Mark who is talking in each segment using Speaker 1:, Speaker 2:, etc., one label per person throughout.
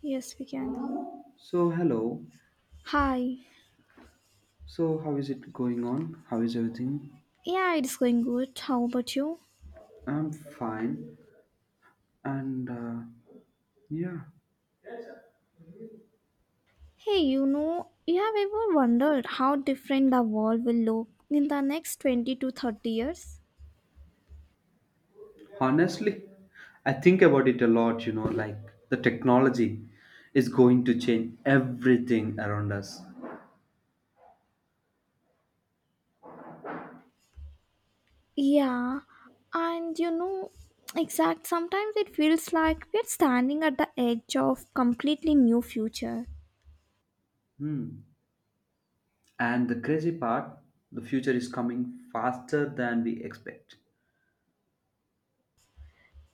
Speaker 1: Yes, we can.
Speaker 2: So, hello.
Speaker 1: Hi.
Speaker 2: So, how is it going on? How is everything?
Speaker 1: Yeah, it's going good. How about you?
Speaker 2: I'm fine. And uh, yeah,
Speaker 1: Hey, you know, you have ever wondered how different the world will look in the next 20 to 30 years?
Speaker 2: Honestly, I think about it a lot, you know, like the technology is going to change everything around us.
Speaker 1: Yeah, and you know, exact sometimes it feels like we're standing at the edge of completely new future.
Speaker 2: Hmm. And the crazy part, the future is coming faster than we expect.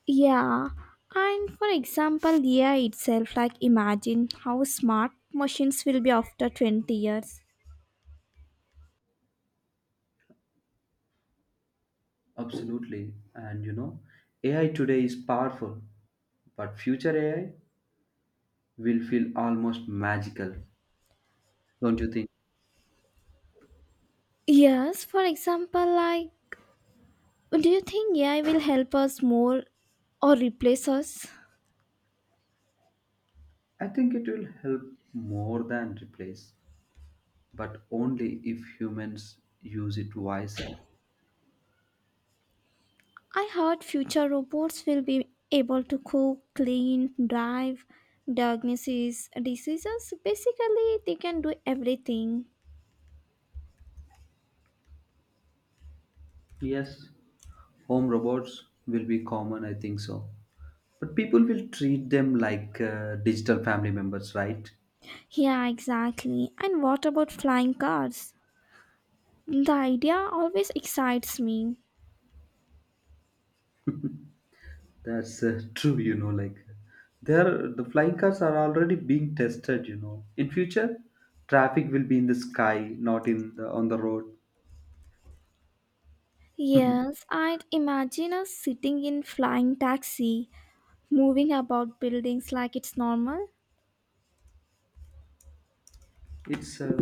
Speaker 1: Yeah, and for example, AI itself, like imagine how smart machines will be after 20 years.
Speaker 2: Absolutely. And you know, AI today is powerful, but future AI will feel almost magical, don't you think?
Speaker 1: Yes, for example, like do you think AI will help us more or replace us?
Speaker 2: I think it will help more than replace, but only if humans use it wisely.
Speaker 1: I heard future robots will be able to cook, clean, drive, diagnose diseases. Basically, they can do everything.
Speaker 2: Yes, home robots will be common, I think so. But people will treat them like digital family members, right?
Speaker 1: Yeah, exactly. And what about flying cars? The idea always excites me.
Speaker 2: That's true, you know, like the flying cars are already being tested, you know. In future, traffic will be in the sky, not in the on the road.
Speaker 1: Yes, I'd imagine us sitting in flying taxi, moving about buildings like it's normal.
Speaker 2: It's uh,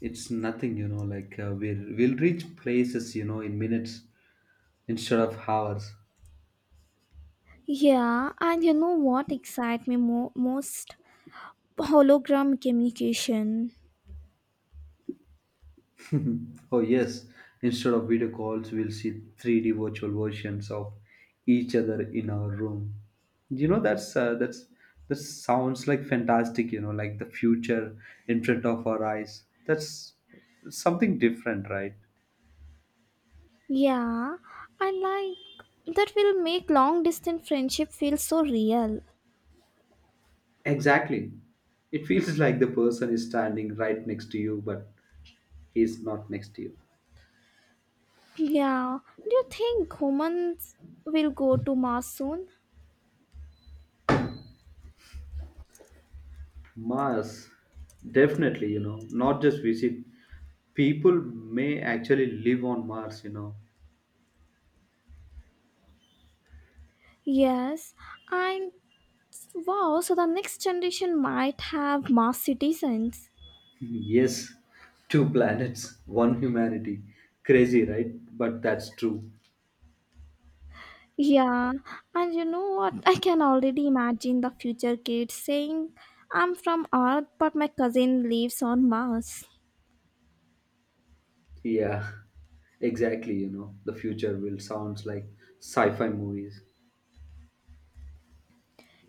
Speaker 2: it's nothing, you know, like we'll reach places, you know, in minutes instead of hours.
Speaker 1: Yeah, and you know what excites me most? Hologram communication.
Speaker 2: Oh yes, instead of video calls we'll see 3D virtual versions of each other in our room. You know, that's that sounds like fantastic, you know, like the future in front of our eyes. That's something different, right?
Speaker 1: Yeah, I like that will make long distance friendship feel so real.
Speaker 2: Exactly, it feels like the person is standing right next to you, but he's not next to you.
Speaker 1: Yeah, do you think humans will go to Mars soon?
Speaker 2: Mars, definitely, you know, not just visit. People may actually live on Mars, you know.
Speaker 1: Yes, and wow, so the next generation might have Mars citizens.
Speaker 2: Yes, two planets, one humanity. Crazy, right? But that's true.
Speaker 1: Yeah, and you know what? I can already imagine the future kids saying, I'm from Earth, but my cousin lives on Mars.
Speaker 2: Yeah, exactly, you know. The future will sounds like sci-fi movies.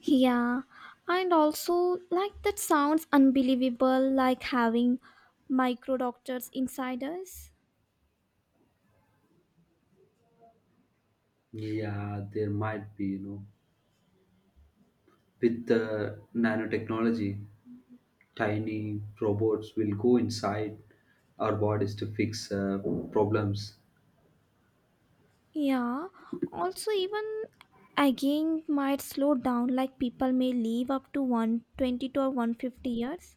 Speaker 1: Yeah, and also, like, that sounds unbelievable, like having micro doctors inside us.
Speaker 2: Yeah, there might be, you know, with the nanotechnology, tiny robots will go inside our bodies to fix problems.
Speaker 1: Yeah, also, even aging might slow down, like, people may live up to 120 to 150 years.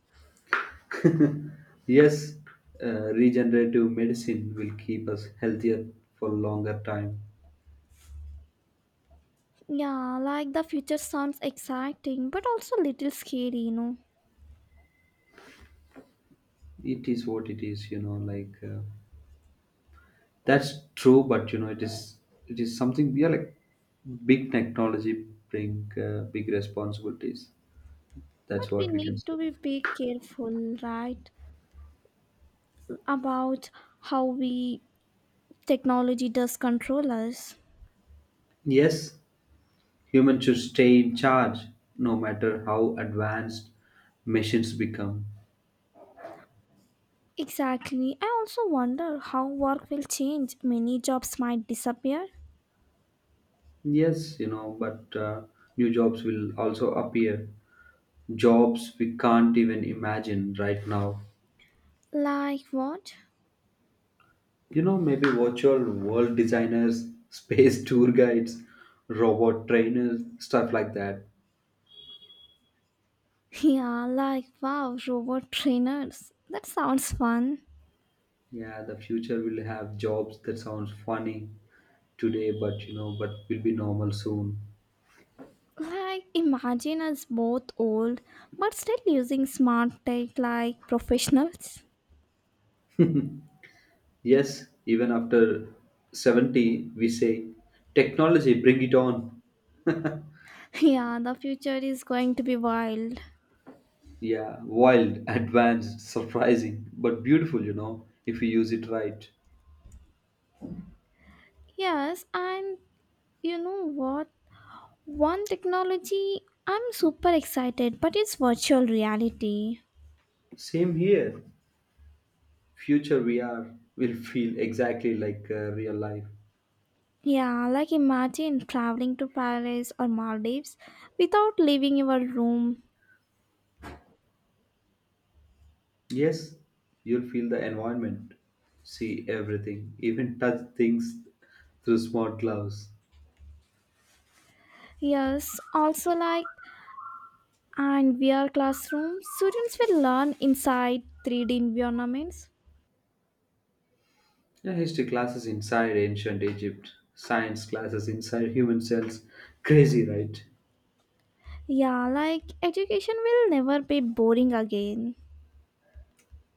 Speaker 2: Yes, regenerative medicine will keep us healthier for longer time.
Speaker 1: Yeah, like, the future sounds exciting, but also a little scary, you know.
Speaker 2: It is what it is, you know. That's true, but you know, it is something. Yeah, like big technology bring big responsibilities. That's
Speaker 1: But we
Speaker 2: what we can
Speaker 1: need to
Speaker 2: say.
Speaker 1: be careful, right? About how we technology does control us.
Speaker 2: Yes, humans should stay in charge, no matter how advanced machines become.
Speaker 1: Exactly. I also wonder how work will change. Many jobs might disappear.
Speaker 2: Yes, you know, but new jobs will also appear, jobs we can't even imagine right now.
Speaker 1: Like what?
Speaker 2: You know, maybe virtual world designers, space tour guides, robot trainers, stuff like that.
Speaker 1: Yeah, like wow, robot trainers. That sounds fun.
Speaker 2: Yeah, the future will have jobs that sounds funny today, but you know, but will be normal soon.
Speaker 1: Like imagine us both old but still using smart tech like professionals.
Speaker 2: Yes, even after 70, we say technology, bring it on.
Speaker 1: Yeah, the future is going to be wild.
Speaker 2: Yeah, wild, advanced, surprising, but beautiful, you know, if we use it right.
Speaker 1: Yes, and you know what? One technology I'm super excited, but it's virtual reality.
Speaker 2: Same here. Future VR will feel exactly like real life.
Speaker 1: Yeah, like imagine traveling to Paris or Maldives without leaving your room.
Speaker 2: Yes, you'll feel the environment, see everything, even touch things through smart gloves.
Speaker 1: Yes, also like and VR classroom, students will learn inside 3D environments.
Speaker 2: Yeah, history classes inside ancient Egypt, science classes inside human cells. Crazy, right?
Speaker 1: Yeah, like education will never be boring again.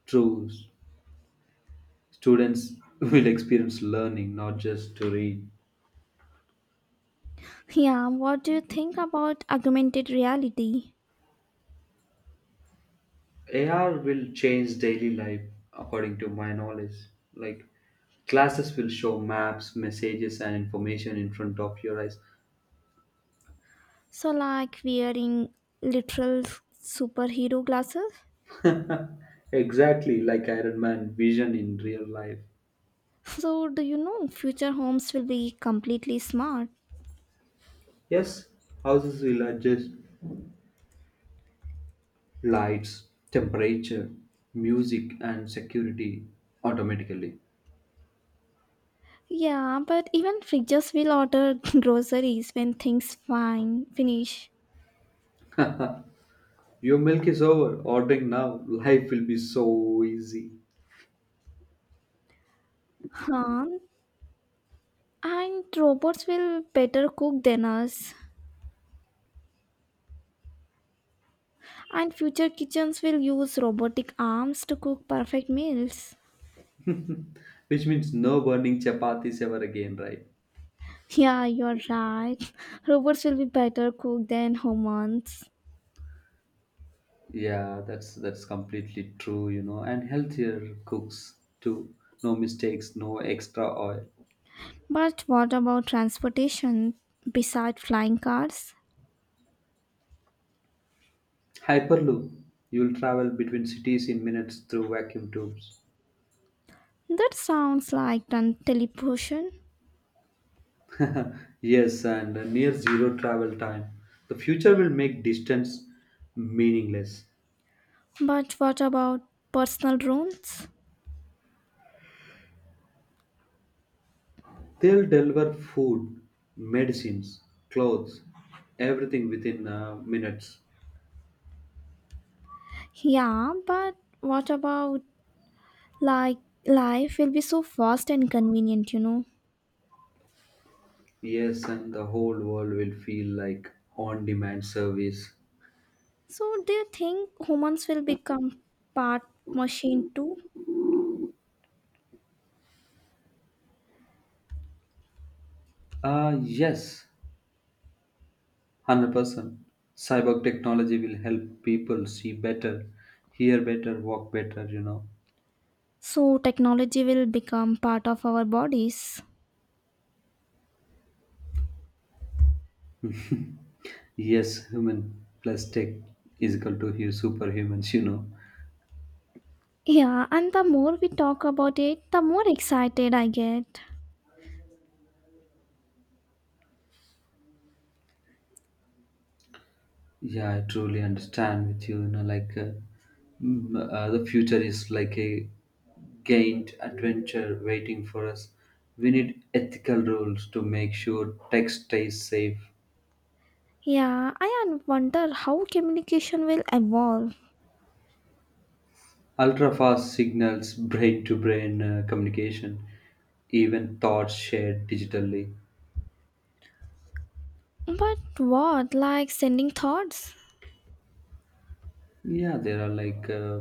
Speaker 2: True. Students will experience learning, not just to read.
Speaker 1: Yeah, what do you think about augmented reality?
Speaker 2: AR will change daily life according to my knowledge. Like classes will show maps, messages, and information in front of your eyes.
Speaker 1: So like wearing literal superhero glasses?
Speaker 2: Exactly like Iron Man vision in real life.
Speaker 1: So do you know future homes will be completely smart?
Speaker 2: Yes, houses will adjust lights, temperature, music, and security automatically.
Speaker 1: Yeah, but even fridges will order groceries when things fine finish.
Speaker 2: Your milk is over, ordering now. Life will be so easy.
Speaker 1: Huh? And robots will better cook than us. And future kitchens will use robotic arms to cook perfect meals.
Speaker 2: Which means no burning chapatis ever again, right?
Speaker 1: Yeah, you're right. Robots will be better cook than humans.
Speaker 2: Yeah, that's completely true, you know, and healthier cooks too. No mistakes, no extra oil.
Speaker 1: But what about transportation beside flying cars?
Speaker 2: Hyperloop. You'll travel between cities in minutes through vacuum tubes.
Speaker 1: That sounds like teleportation.
Speaker 2: Yes, and a near zero travel time. The future will make distance meaningless.
Speaker 1: But what about personal drones?
Speaker 2: They'll deliver food, medicines, clothes, everything within minutes.
Speaker 1: Yeah, but what about like life will be so fast and convenient, you know?
Speaker 2: Yes, and the whole world will feel like on demand service.
Speaker 1: So do you think humans will become part machine too?
Speaker 2: Yes, 100%. Cyber technology will help people see better, hear better, walk better, you know.
Speaker 1: So technology will become part of our bodies.
Speaker 2: Yes, human plus tech is equal to hu- superhumans, you know.
Speaker 1: Yeah, and the more we talk about it, the more excited I get.
Speaker 2: Yeah, I truly understand with you, you know, the future is like a gained adventure waiting for us. We need ethical rules to make sure tech stays safe.
Speaker 1: Yeah, wonder how communication will evolve.
Speaker 2: Ultra-fast signals, brain-to-brain communication, even thoughts shared digitally.
Speaker 1: But what, like sending thoughts?
Speaker 2: Yeah, there are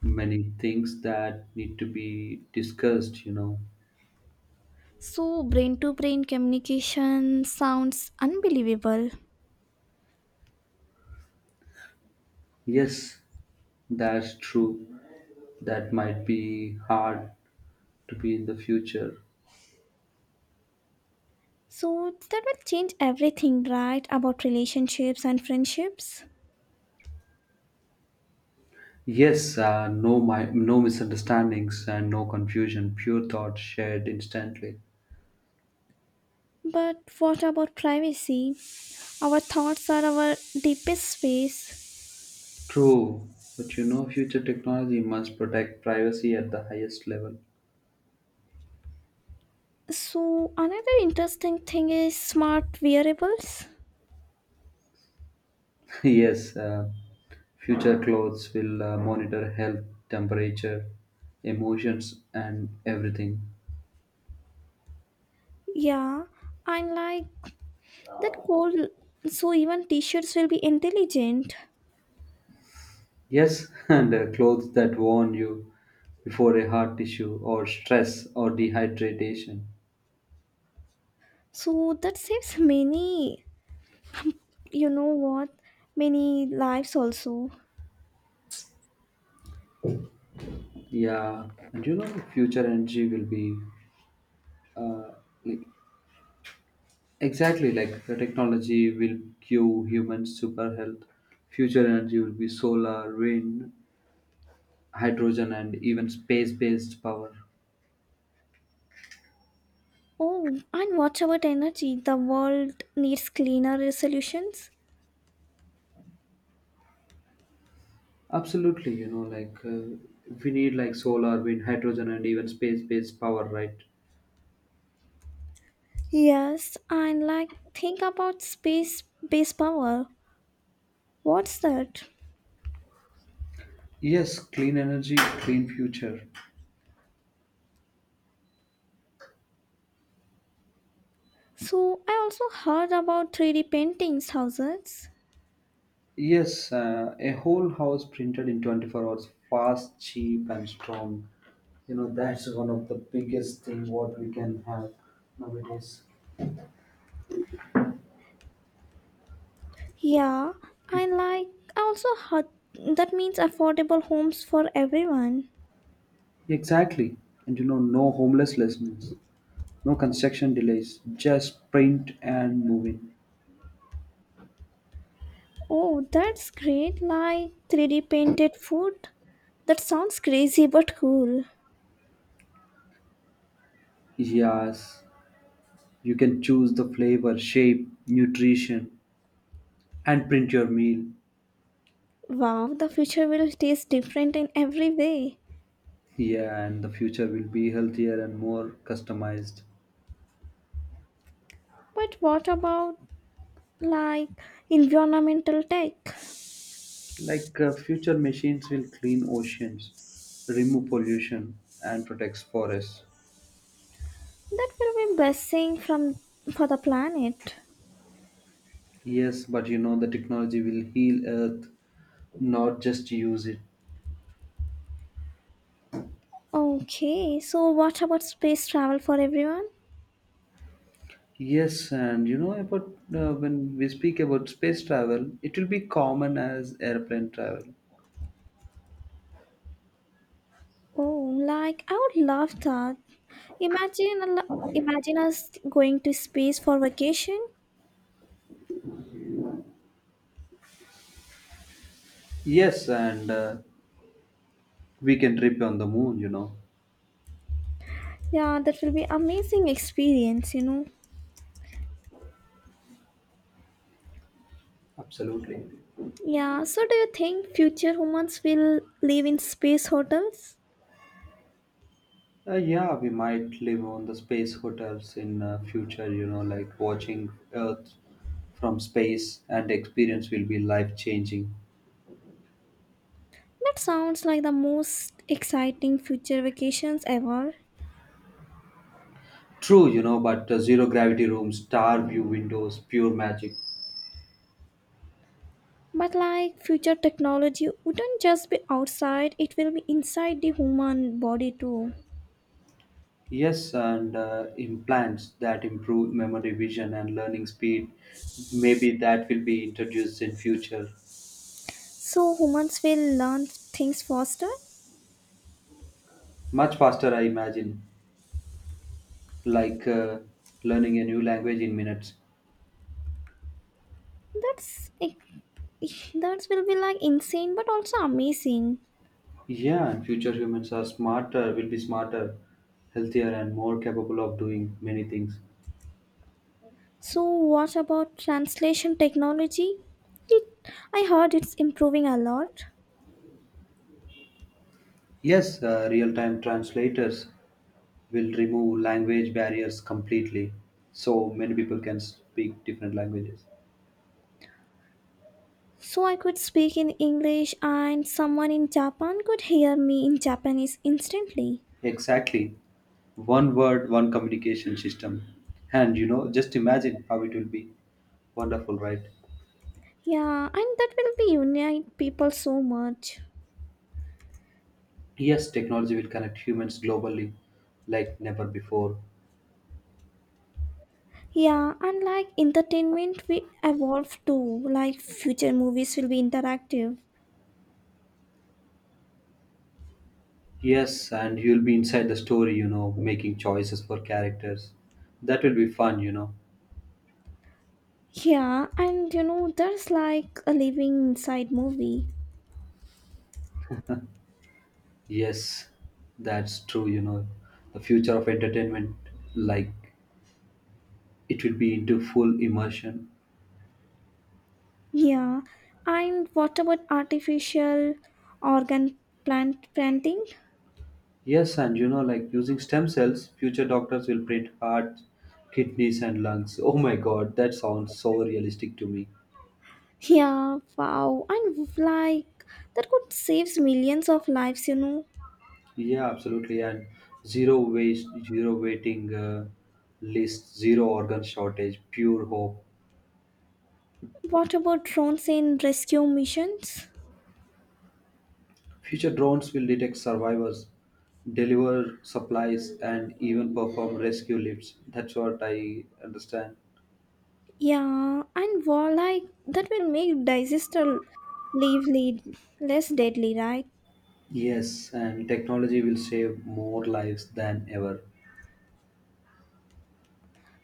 Speaker 2: many things that need to be discussed, you know.
Speaker 1: So brain to brain communication sounds unbelievable.
Speaker 2: Yes, that's true. That might be hard to be in the future.
Speaker 1: So that will change everything, right? About relationships and friendships.
Speaker 2: Yes, no misunderstandings and no confusion, pure thought shared instantly.
Speaker 1: But what about privacy? Our thoughts are our deepest space.
Speaker 2: True, but you know, future technology must protect privacy at the highest level.
Speaker 1: So another interesting thing is smart wearables.
Speaker 2: Yes, future clothes will monitor health, temperature, emotions, and everything.
Speaker 1: Yeah, and like that cold. So even t-shirts will be intelligent.
Speaker 2: Yes, and clothes that warn you before a heart issue or stress or dehydration.
Speaker 1: So that saves many. You know what? Many lives also.
Speaker 2: Yeah, and you know, future energy will be like, exactly like the technology will give humans super health. Future energy will be solar, wind, hydrogen and even space based power.
Speaker 1: Oh, and what about energy? The world needs cleaner solutions.
Speaker 2: Absolutely, you know, we need like solar, wind, hydrogen and even space based power, right?
Speaker 1: Yes, I like think about space base power. What's that?
Speaker 2: Yes, clean energy, clean future.
Speaker 1: So I also heard about 3D paintings houses.
Speaker 2: Yes, a whole house printed in 24 hours, fast, cheap and strong, you know. That's one of the biggest thing what we can have nowadays.
Speaker 1: Yeah, I like I also heard that means affordable homes for everyone.
Speaker 2: Exactly, and you know, no homelessness, no construction delays, just print and move in.
Speaker 1: Oh, that's great. Like 3D painted food. That sounds crazy but cool.
Speaker 2: Yes, you can choose the flavor, shape, nutrition, and print your meal.
Speaker 1: Wow, the future will taste different in every way.
Speaker 2: Yeah, and the future will be healthier and more customized.
Speaker 1: But what about like environmental tech?
Speaker 2: Future machines will clean oceans, remove pollution, and protect forests.
Speaker 1: That will be blessing from for the planet.
Speaker 2: Yes, but you know, the technology will heal Earth, not just use it.
Speaker 1: Okay, so what about space travel for everyone?
Speaker 2: Yes, and you know about when we speak about space travel, it will be common as airplane travel.
Speaker 1: Oh, like I would love that. Imagine a imagine us going to space for vacation.
Speaker 2: Yes, and we can trip on the moon, you know.
Speaker 1: Yeah, that will be amazing experience, you know.
Speaker 2: Absolutely.
Speaker 1: Yeah, so do you think future humans will live in space hotels?
Speaker 2: Yeah, we might live on the space hotels in future, you know, like watching Earth from space and experience will be life changing.
Speaker 1: That sounds like the most exciting future vacations ever.
Speaker 2: True, you know, but zero gravity rooms, star view windows, pure magic.
Speaker 1: But like future technology wouldn't just be outside, it will be inside the human body too.
Speaker 2: Yes, and implants that improve memory, vision, and learning speed. Maybe that will be introduced in future.
Speaker 1: So humans will learn things faster.
Speaker 2: Much faster, I imagine, like uh, learning a new language in minutes.
Speaker 1: That will be like insane but also amazing.
Speaker 2: Yeah, and future humans are smarter, will be smarter, healthier, and more capable of doing many things.
Speaker 1: So what about translation technology? It I heard it's improving a lot.
Speaker 2: Yes, real time translators will remove language barriers completely, so many people can speak different languages.
Speaker 1: So I could speak in English and someone in Japan could hear me in Japanese instantly.
Speaker 2: Exactly. One word, one communication system. And you know, just imagine how it will be. Wonderful, right?
Speaker 1: Yeah, and that will be unite people so much.
Speaker 2: Yes, technology will connect humans globally like never before.
Speaker 1: Yeah, and like entertainment, we evolve too. Like future movies will be interactive.
Speaker 2: Yes, and you'll be inside the story, you know, making choices for characters. That will be fun, you know.
Speaker 1: Yeah, and you know, there's like a living inside movie.
Speaker 2: Yes, that's true, you know. The future of entertainment, like, it will be into full immersion.
Speaker 1: Yeah, and what about artificial organ planting?
Speaker 2: Yes, and you know, like using stem cells, future doctors will print heart, kidneys, and lungs. Oh my god, that sounds so realistic to me.
Speaker 1: Yeah, wow, and like that could save millions of lives, you know.
Speaker 2: Yeah, absolutely. And zero waste, zero waiting list, zero organ shortage, pure hope.
Speaker 1: What about drones in rescue missions?
Speaker 2: Future drones will detect survivors, deliver supplies, and even perform rescue lifts. That's what I understand.
Speaker 1: Yeah, and walleye that will make disaster lively less deadly, right?
Speaker 2: Yes, and technology will save more lives than ever.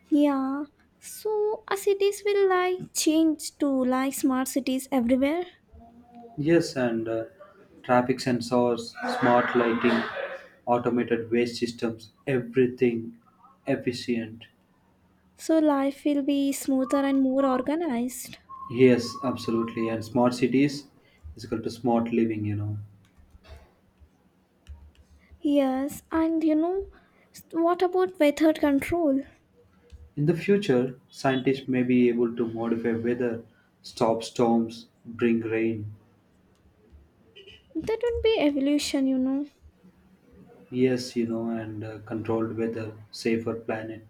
Speaker 1: Yeah. So our cities will like change to like smart cities everywhere.
Speaker 2: Yes, and traffic sensors, smart lighting, automated waste systems, everything efficient.
Speaker 1: So life will be smoother and more organized.
Speaker 2: Yes, absolutely. And smart cities is equal to smart living, you know.
Speaker 1: Yes, and you know what about weather control?
Speaker 2: In the future, scientists may be able to modify weather, stop storms, bring rain.
Speaker 1: That would be evolution, you know.
Speaker 2: Yes, you know, and controlled weather, safer planet.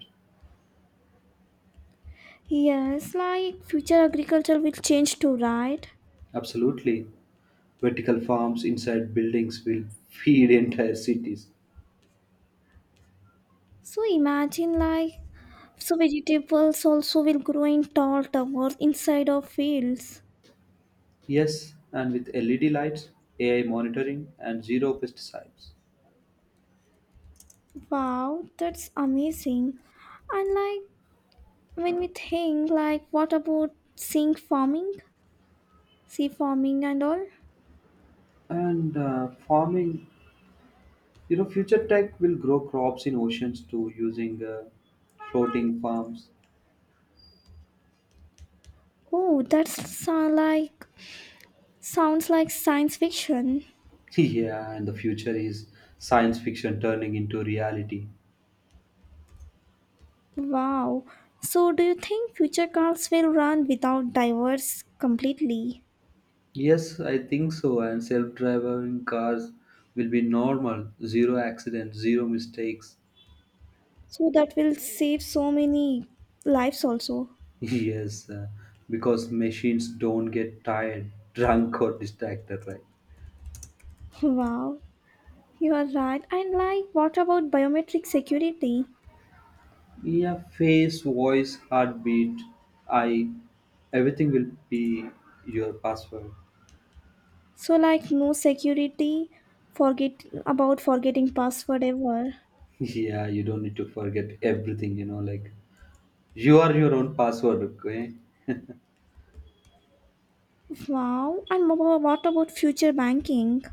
Speaker 1: Yes, like future agriculture will change too, right?
Speaker 2: Absolutely. Vertical farms inside buildings will feed entire cities.
Speaker 1: So imagine like so vegetables also will grow in tall towers inside of fields.
Speaker 2: Yes, and with LED lights, AI monitoring, and zero pesticides.
Speaker 1: Wow, that's amazing. And like when we think like what about sink farming? Sea farming and all?
Speaker 2: And farming, you know, future tech will grow crops in oceans too using floating farms.
Speaker 1: Oh, like sounds like science fiction.
Speaker 2: Yeah, and the future is science fiction turning into reality.
Speaker 1: Wow. So do you think future cars will run without divers completely?
Speaker 2: Yes, I think so. And self driving cars will be normal, zero accidents, zero mistakes.
Speaker 1: So that will save so many lives also.
Speaker 2: Yes, because machines don't get tired, drunk, or distracted, right?
Speaker 1: Wow. You are right. And like, what about biometric security?
Speaker 2: Yeah, face, voice, heartbeat, eye, everything will be your password.
Speaker 1: So like, no security. Forget about forgetting password ever.
Speaker 2: Yeah, you don't need to forget everything, you know, like you are your own password, okay?
Speaker 1: Wow. And what about future banking?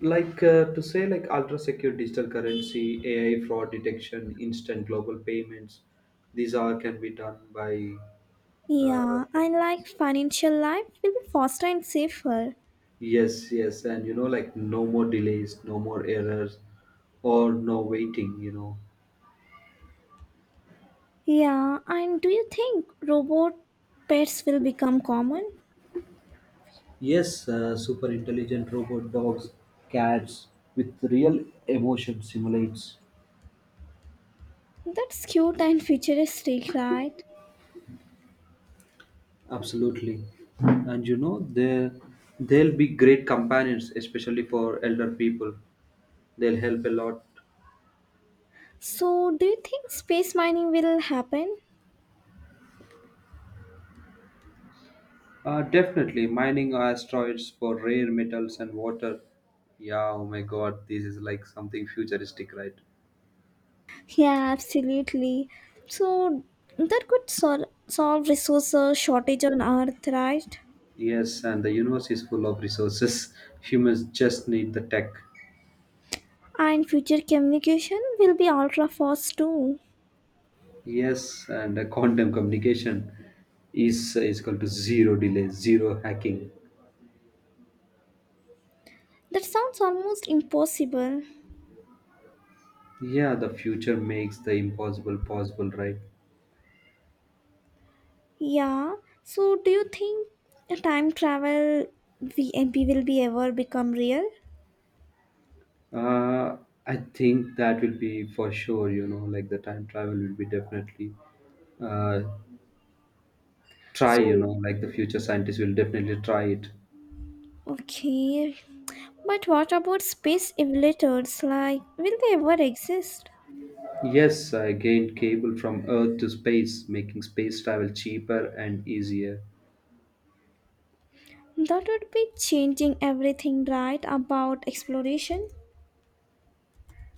Speaker 2: to say, like, ultra secure digital currency, AI fraud detection, instant global payments, these are can be done by uh,
Speaker 1: Yeah, and like financial life will be faster and safer.
Speaker 2: yes, yes, and you know, like no more delays, no more errors, or no waiting, you know.
Speaker 1: Yeah, and do you think robot pets will become common?
Speaker 2: Yes, super intelligent robot dogs, cats with real emotion simulates.
Speaker 1: That's cute and futuristic, right?
Speaker 2: Absolutely, and you know, they'll be great companions, especially for elder people. They'll help a lot.
Speaker 1: So, do you think space mining will happen?
Speaker 2: Definitely, mining asteroids for rare metals and water. Yeah, oh my god, this is like something futuristic, right?
Speaker 1: Yeah, absolutely. So that could solve resource shortage on Earth, right?
Speaker 2: Yes, and the universe is full of resources. Humans just need the tech.
Speaker 1: And future communication will be ultra fast too.
Speaker 2: Yes, and the quantum communication is equal to zero delay, zero hacking.
Speaker 1: That sounds almost impossible.
Speaker 2: Yeah, the future makes the impossible possible, right?
Speaker 1: Yeah. So do you think the time travel VMP will be ever become real?
Speaker 2: Uh, I think that will be for sure, you know, like the time travel will be definitely uh, try, you
Speaker 1: So
Speaker 2: know, like the future scientists will definitely try it.
Speaker 1: okay. But what about space emulators? Like, will they ever exist?
Speaker 2: Yes, I gained cable from earth to space, making space travel cheaper and easier.
Speaker 1: That would be changing everything, right? About exploration.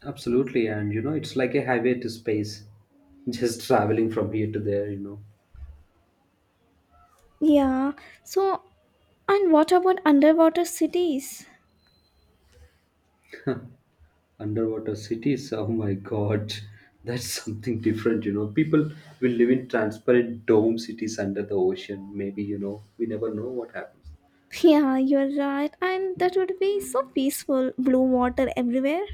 Speaker 2: Absolutely, and you know, it's like a highway to space, just traveling from here to there, you know.
Speaker 1: Yeah. So, and what about underwater cities?
Speaker 2: Underwater cities, oh my god, that's something different, you know. People will live in transparent dome cities under the ocean, maybe, you know, we never know what happens.
Speaker 1: Yeah, you're right. And that would be so peaceful. Blue water everywhere.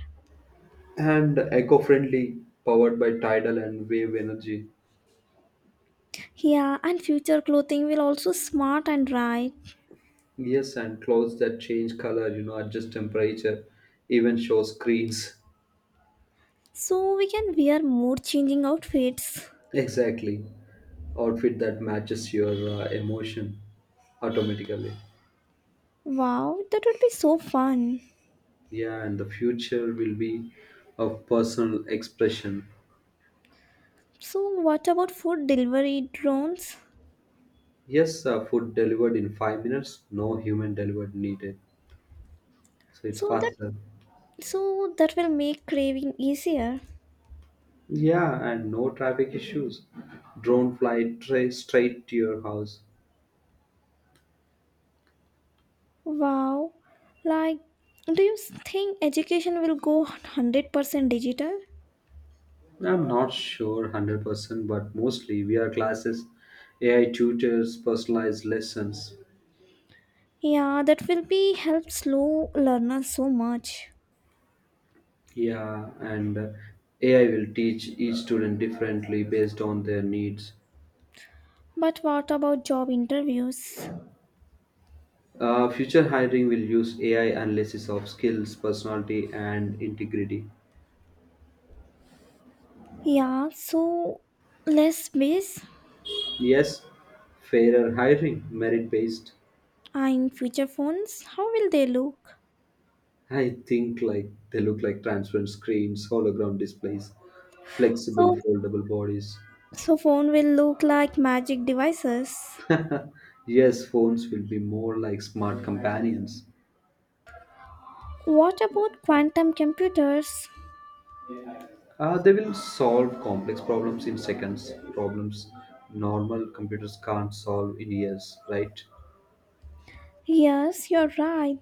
Speaker 2: And eco-friendly, powered by tidal and wave energy.
Speaker 1: Yeah, and future clothing will also smart and right.
Speaker 2: Yes, and clothes that change color, you know, adjust temperature, even show screens.
Speaker 1: So we can wear mood changing outfits.
Speaker 2: Exactly. Outfit that matches your emotion automatically.
Speaker 1: Wow, that would be so fun.
Speaker 2: Yeah, and the future will be of personal expression.
Speaker 1: So what about food delivery drones?
Speaker 2: Yes, food delivered in 5 minutes, no human delivered needed. So it's
Speaker 1: So that
Speaker 2: faster.
Speaker 1: so that will make craving easier.
Speaker 2: Yeah, and no traffic issues. Drone fly straight to your house.
Speaker 1: Wow. Like, do you think education will go 100% digital?
Speaker 2: I'm not sure 100%, but mostly VR classes, AI tutors, personalized lessons.
Speaker 1: Yeah, that will be help slow learners so much.
Speaker 2: Yeah, and AI will teach each student differently based on their needs.
Speaker 1: But what about job interviews?
Speaker 2: Future hiring will use AI analysis of skills, personality, and integrity.
Speaker 1: Yeah, so less space
Speaker 2: Yes, fairer hiring, merit based.
Speaker 1: and future phones, how will they look?
Speaker 2: I think like they look like transparent screens, hologram displays, flexible
Speaker 1: So,
Speaker 2: foldable bodies.
Speaker 1: so phone will look like magic devices.
Speaker 2: Yes, phones will be more like smart companions.
Speaker 1: What about quantum computers?
Speaker 2: They will solve complex problems in seconds, problems normal computers can't solve in years, right?
Speaker 1: Yes, you're right.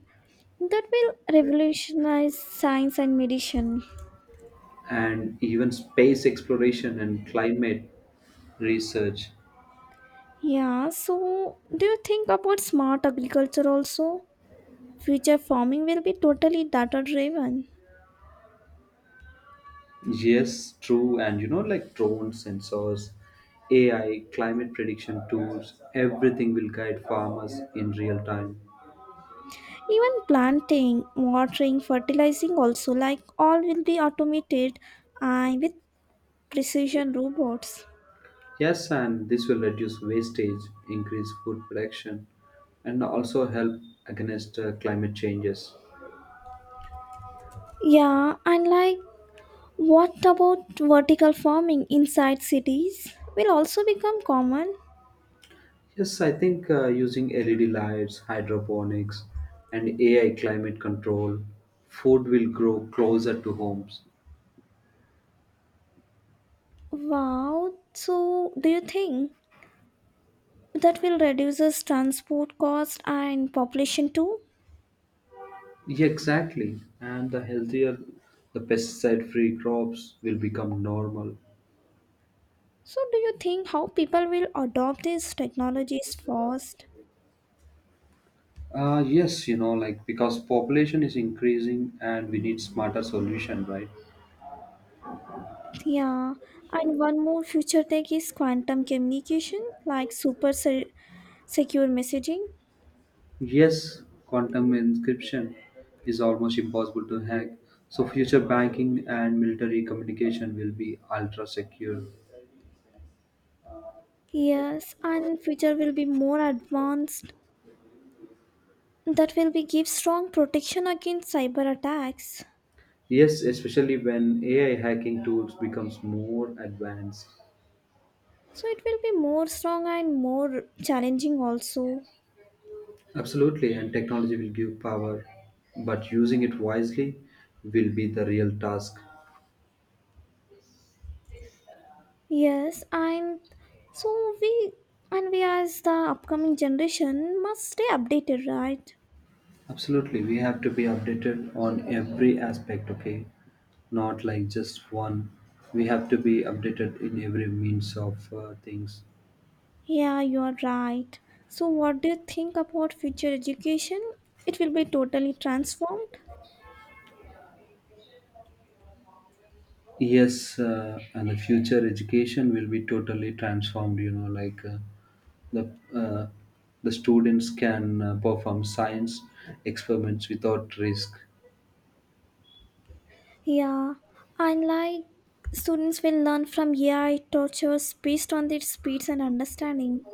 Speaker 1: That will revolutionize science and medicine.
Speaker 2: And even space exploration and climate research.
Speaker 1: Yeah, so do you think about smart agriculture also? Future farming will be totally data driven.
Speaker 2: Yes, true. And you know, like drone sensors, AI, climate prediction tools, everything will guide farmers in real time.
Speaker 1: Even planting, watering, fertilizing also like all will be automated and with precision robots.
Speaker 2: Yes, and this will reduce wastage, increase food production, and also help against climate changes.
Speaker 1: Yeah, and like what about vertical farming inside cities will also become common?
Speaker 2: Yes, I think using LED lights, hydroponics, and AI climate control, food will grow closer to homes.
Speaker 1: Wow, so do you think that will reduces transport cost and population too?
Speaker 2: Yeah, exactly. And the healthier the pesticide free crops will become normal.
Speaker 1: So, do you think how people will adopt these technologies first?
Speaker 2: Yes, you know, like because population is increasing and we need smarter solution, right?
Speaker 1: Yeah, and one more future tech is quantum communication, like super secure messaging.
Speaker 2: Yes, quantum encryption is almost impossible to hack, so future banking and military communication will be ultra secure.
Speaker 1: Yes, and future will be more advanced. That will be give strong protection against cyber attacks.
Speaker 2: Yes, especially when AI hacking tools becomes more advanced.
Speaker 1: So it will be more strong and more challenging also.
Speaker 2: Absolutely, and technology will give power, but using it wisely will be the real task.
Speaker 1: Yes, and so we we as the upcoming generation must stay updated, right?
Speaker 2: Absolutely, we have to be updated on every aspect, okay? Not like just one. We have to be updated in every means of things.
Speaker 1: Yeah, you are right. So, what do you think about future education? It will be totally transformed.
Speaker 2: Yes, and the future education will be totally transformed. You know, like uh, the uh, the students can perform science experiments without risk.
Speaker 1: Yeah, and like students will learn from AI tortures based on their speeds and understanding.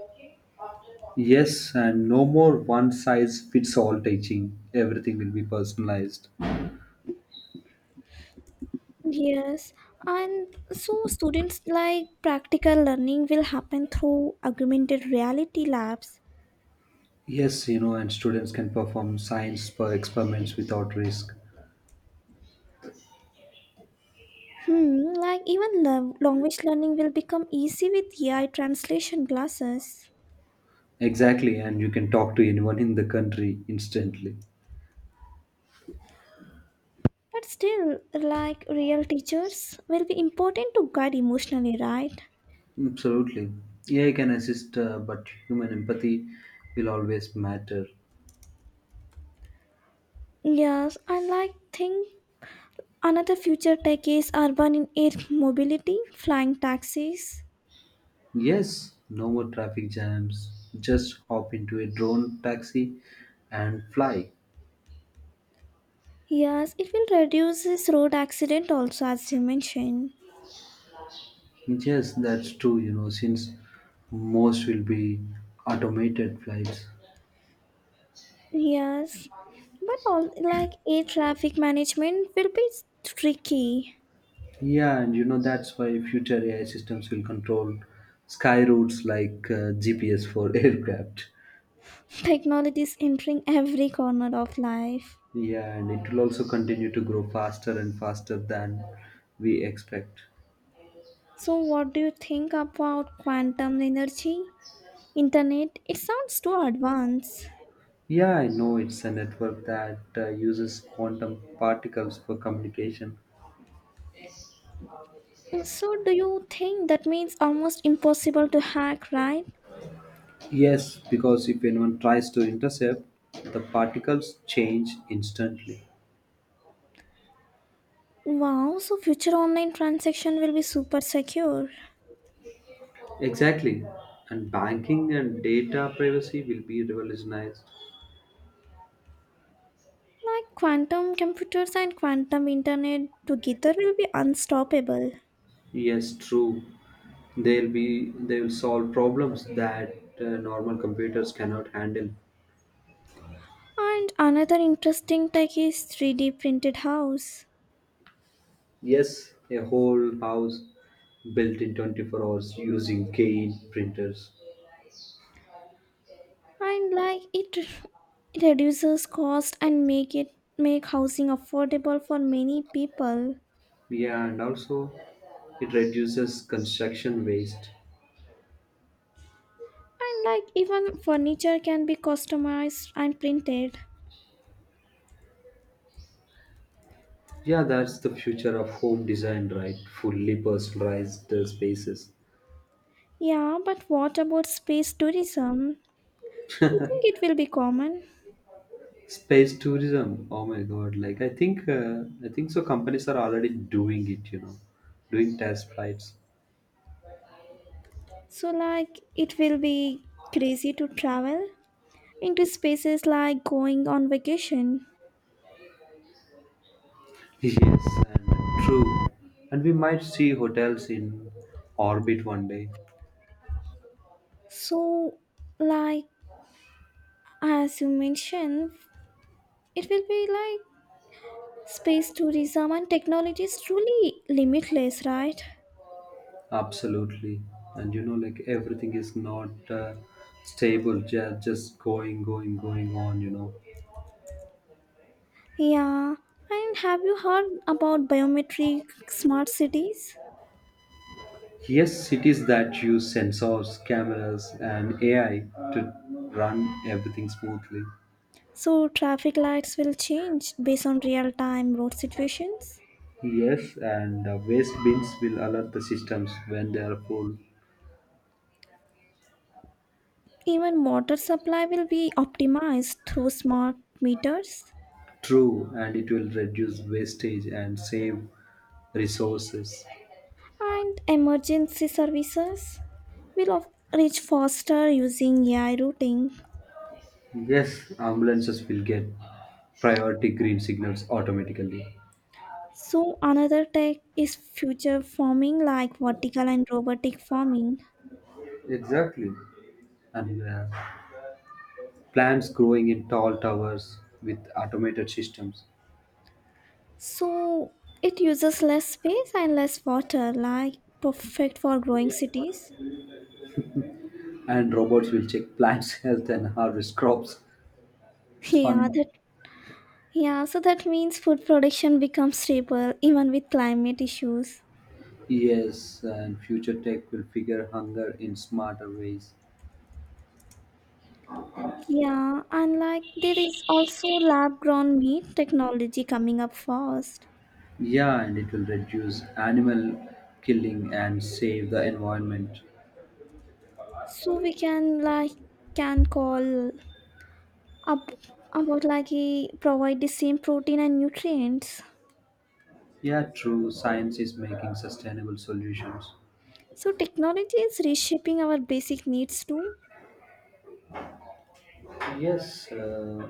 Speaker 2: Yes, and no more one size fits all teaching. Everything will be personalized.
Speaker 1: Yes, and so students like practical learning will happen through augmented reality labs.
Speaker 2: Yes, you know, and students can perform science per experiments without risk.
Speaker 1: Hmm, like even language learning will become easy with AI translation classes.
Speaker 2: Exactly, and you can talk to anyone in the country instantly.
Speaker 1: But still, like real teachers will be important to guide emotionally, right?
Speaker 2: Absolutely. AI can assist, but human empathy will always matter.
Speaker 1: Yes, I like think another future tech is urban in air mobility, flying taxis.
Speaker 2: Yes, no more traffic jams. Just hop into a drone taxi and fly.
Speaker 1: Yes, it will reduce this road accident also as you mentioned.
Speaker 2: Yes, that's true, you know, since most will be automated flights.
Speaker 1: Yes, but all like air traffic management will be tricky.
Speaker 2: Yeah, and you know, that's why future AI systems will control sky routes like GPS for aircraft.
Speaker 1: Technology is entering every corner of life.
Speaker 2: Yeah, and it will also continue to grow faster and faster than we expect.
Speaker 1: So what do you think about quantum energy? Internet it sounds too advanced,
Speaker 2: Yeah, I know it's a network that uses quantum particles for communication.
Speaker 1: so do you think that means almost impossible to hack, right?
Speaker 2: Yes, because if anyone tries to intercept, the particles change instantly.
Speaker 1: Wow, so future online transaction will be super secure,
Speaker 2: Exactly. And banking and data privacy will be revolutionized.
Speaker 1: like quantum computers and quantum internet together will be unstoppable.
Speaker 2: Yes, true. They will solve problems that normal computers cannot handle.
Speaker 1: And another interesting tech is 3D printed house,
Speaker 2: Yes, a whole house built in 24 hours using gate printers.
Speaker 1: and like it reduces cost and make housing affordable for many people.
Speaker 2: Yeah, and also it reduces construction waste.
Speaker 1: And like even furniture can be customized and printed.
Speaker 2: Yeah, that's the future of home design, right? Fully personalized spaces.
Speaker 1: Yeah, but what about space tourism? You think it will be common?
Speaker 2: Space tourism. Oh my god! Like I think so. Companies are already doing it. You know, doing test flights.
Speaker 1: So like it will be crazy to travel into spaces like going on vacation.
Speaker 2: Yes, and true. And we might see hotels in orbit one day.
Speaker 1: So like as you mentioned, it will be like space tourism and technology is truly limitless, right?
Speaker 2: Absolutely. And you know, like everything is not stable. Just going, going, going on. You know.
Speaker 1: Yeah. And have you heard about biometric smart cities?
Speaker 2: Yes, cities that use sensors, cameras, and AI to run everything smoothly.
Speaker 1: So traffic lights will change based on real-time road situations.
Speaker 2: Yes, and waste bins will alert the systems when they are full.
Speaker 1: Even water supply will be optimized through smart meters,
Speaker 2: True, and it will reduce wastage and save resources.
Speaker 1: and emergency services will reach faster using AI routing.
Speaker 2: Yes, ambulances will get priority green signals automatically.
Speaker 1: So another tech is future farming like vertical and robotic farming.
Speaker 2: Exactly. And plants growing in tall towers with automated systems.
Speaker 1: So it uses less space and less water, like perfect for growing cities.
Speaker 2: And robots will check plants' health and harvest crops. It's
Speaker 1: Yeah,
Speaker 2: funny.
Speaker 1: the yeah, so that means food production becomes stable even with climate issues.
Speaker 2: Yes, and future tech will figure hunger in smarter ways.
Speaker 1: Yeah, and like there is also lab grown meat technology coming up fast.
Speaker 2: Yeah, and it will reduce animal killing and save the environment.
Speaker 1: So we can like can call up about like provide the same protein and nutrients.
Speaker 2: Yeah, true. Science is making sustainable solutions.
Speaker 1: So technology is reshaping our basic needs too.
Speaker 2: Yes,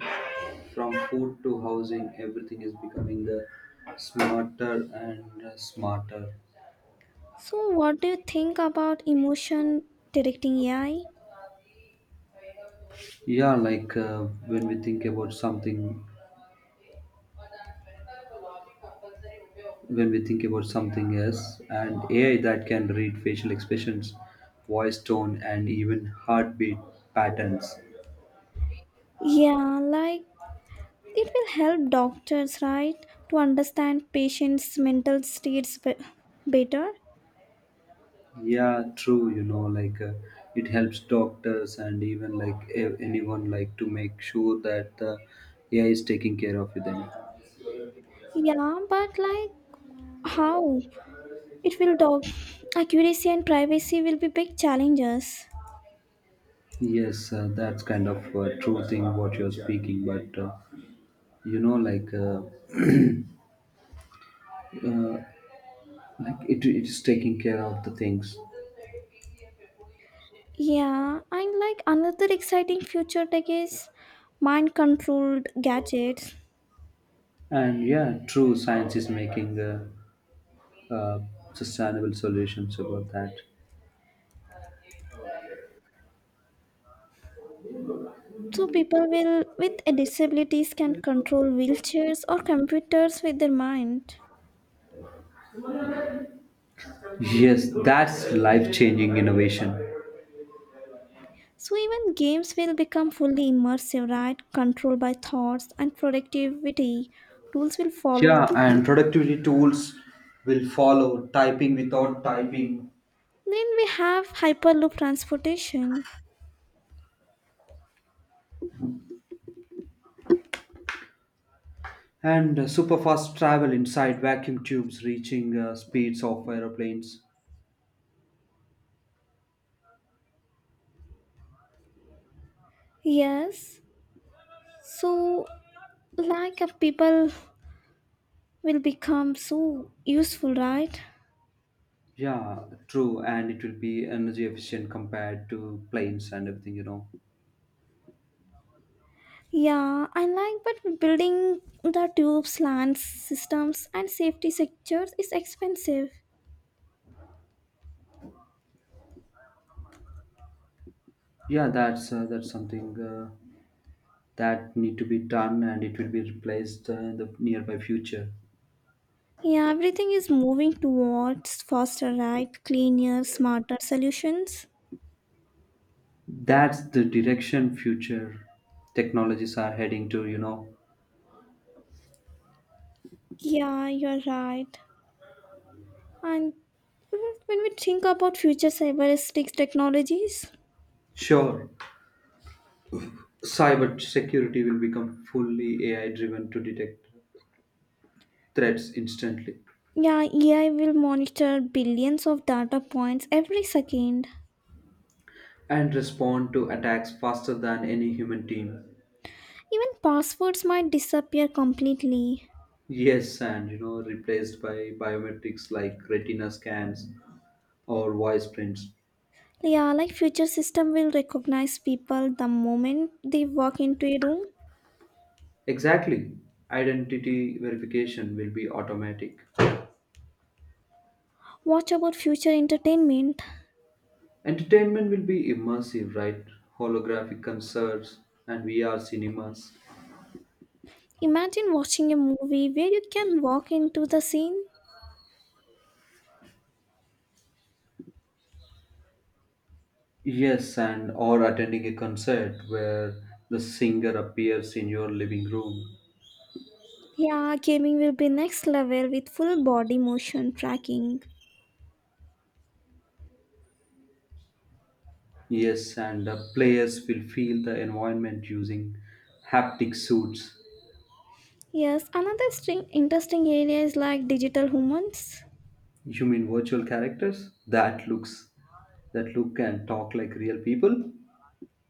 Speaker 2: from food to housing, everything is becoming the smarter and smarter.
Speaker 1: So what do you think about emotion directing AI?
Speaker 2: Yeah, like when we think about something when we think about something else and AI that can read facial expressions, voice tone, and even heartbeat patterns.
Speaker 1: Yeah, like it will help doctors right to understand patients mental states better.
Speaker 2: Yeah, true. You know, like it helps doctors and even like anyone like to make sure that the AI is taking care of them.
Speaker 1: Yeah, but like how it will dog accuracy and privacy will be big challenges.
Speaker 2: Yes, that's kind of a true thing what you're speaking, but you know, like uh, like it is taking care of the things.
Speaker 1: Yeah, and like another exciting future tech is mind controlled gadgets.
Speaker 2: And yeah, true science is making uh, sustainable solutions about that.
Speaker 1: So people will with disabilities can control wheelchairs or computers with their mind.
Speaker 2: Yes, that's life changing innovation.
Speaker 1: So even games will become fully immersive, right? Controlled by thoughts and productivity. Tools will
Speaker 2: Yeah,
Speaker 1: follow.
Speaker 2: and productivity tools will follow typing without typing,
Speaker 1: Then we have hyperloop transportation.
Speaker 2: and super fast travel inside vacuum tubes reaching speeds of aeroplanes.
Speaker 1: Yes. So like people will become so useful, right?
Speaker 2: Yeah, true, and it will be energy efficient compared to planes and everything, you know.
Speaker 1: Yeah, I like but building the tubes, lands, systems and safety sectors is expensive.
Speaker 2: Yeah, that's something that need to be done, and it will be replaced in the nearby future.
Speaker 1: Yeah, everything is moving towards faster, right? Cleaner, smarter solutions.
Speaker 2: That's the direction future technologies are heading to, you know.
Speaker 1: Yeah, you're right. And when we think about future cyberistic technologies,
Speaker 2: Sure, cybersecurity will become fully AI driven to detect threats instantly
Speaker 1: yeah, AI will monitor billions of data points every second.
Speaker 2: and respond to attacks faster than any human team.
Speaker 1: Even passwords might disappear completely.
Speaker 2: Yes, and you know, replaced by biometrics like retina scans or voice prints.
Speaker 1: Yeah, like future system will recognize people the moment they walk into a room.
Speaker 2: Exactly. Identity verification will be automatic.
Speaker 1: Watch about future entertainment.
Speaker 2: Entertainment will be immersive, right? Holographic concerts and VR cinemas.
Speaker 1: Imagine watching a movie where you can walk into the scene.
Speaker 2: Yes, and or attending a concert where the singer appears in your living room.
Speaker 1: Yeah, gaming will be next level with full body motion tracking.
Speaker 2: Yes, and the players will feel the environment using haptic suits.
Speaker 1: Yes, another string, interesting area is like digital humans.
Speaker 2: You mean virtual characters that looks that look and talk like real people?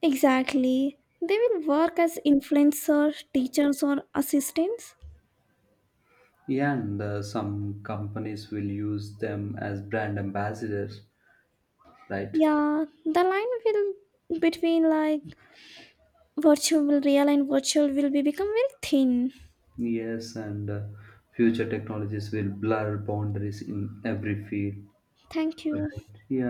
Speaker 1: Exactly. They will work as influencers, teachers, or assistants.
Speaker 2: Yeah, and some companies will use them as brand ambassadors, right?
Speaker 1: Yeah, the line will between like virtual real and virtual will be become very thin.
Speaker 2: Yes, and future technologies will blur boundaries in every field.
Speaker 1: Thank you.
Speaker 2: Right. Yeah,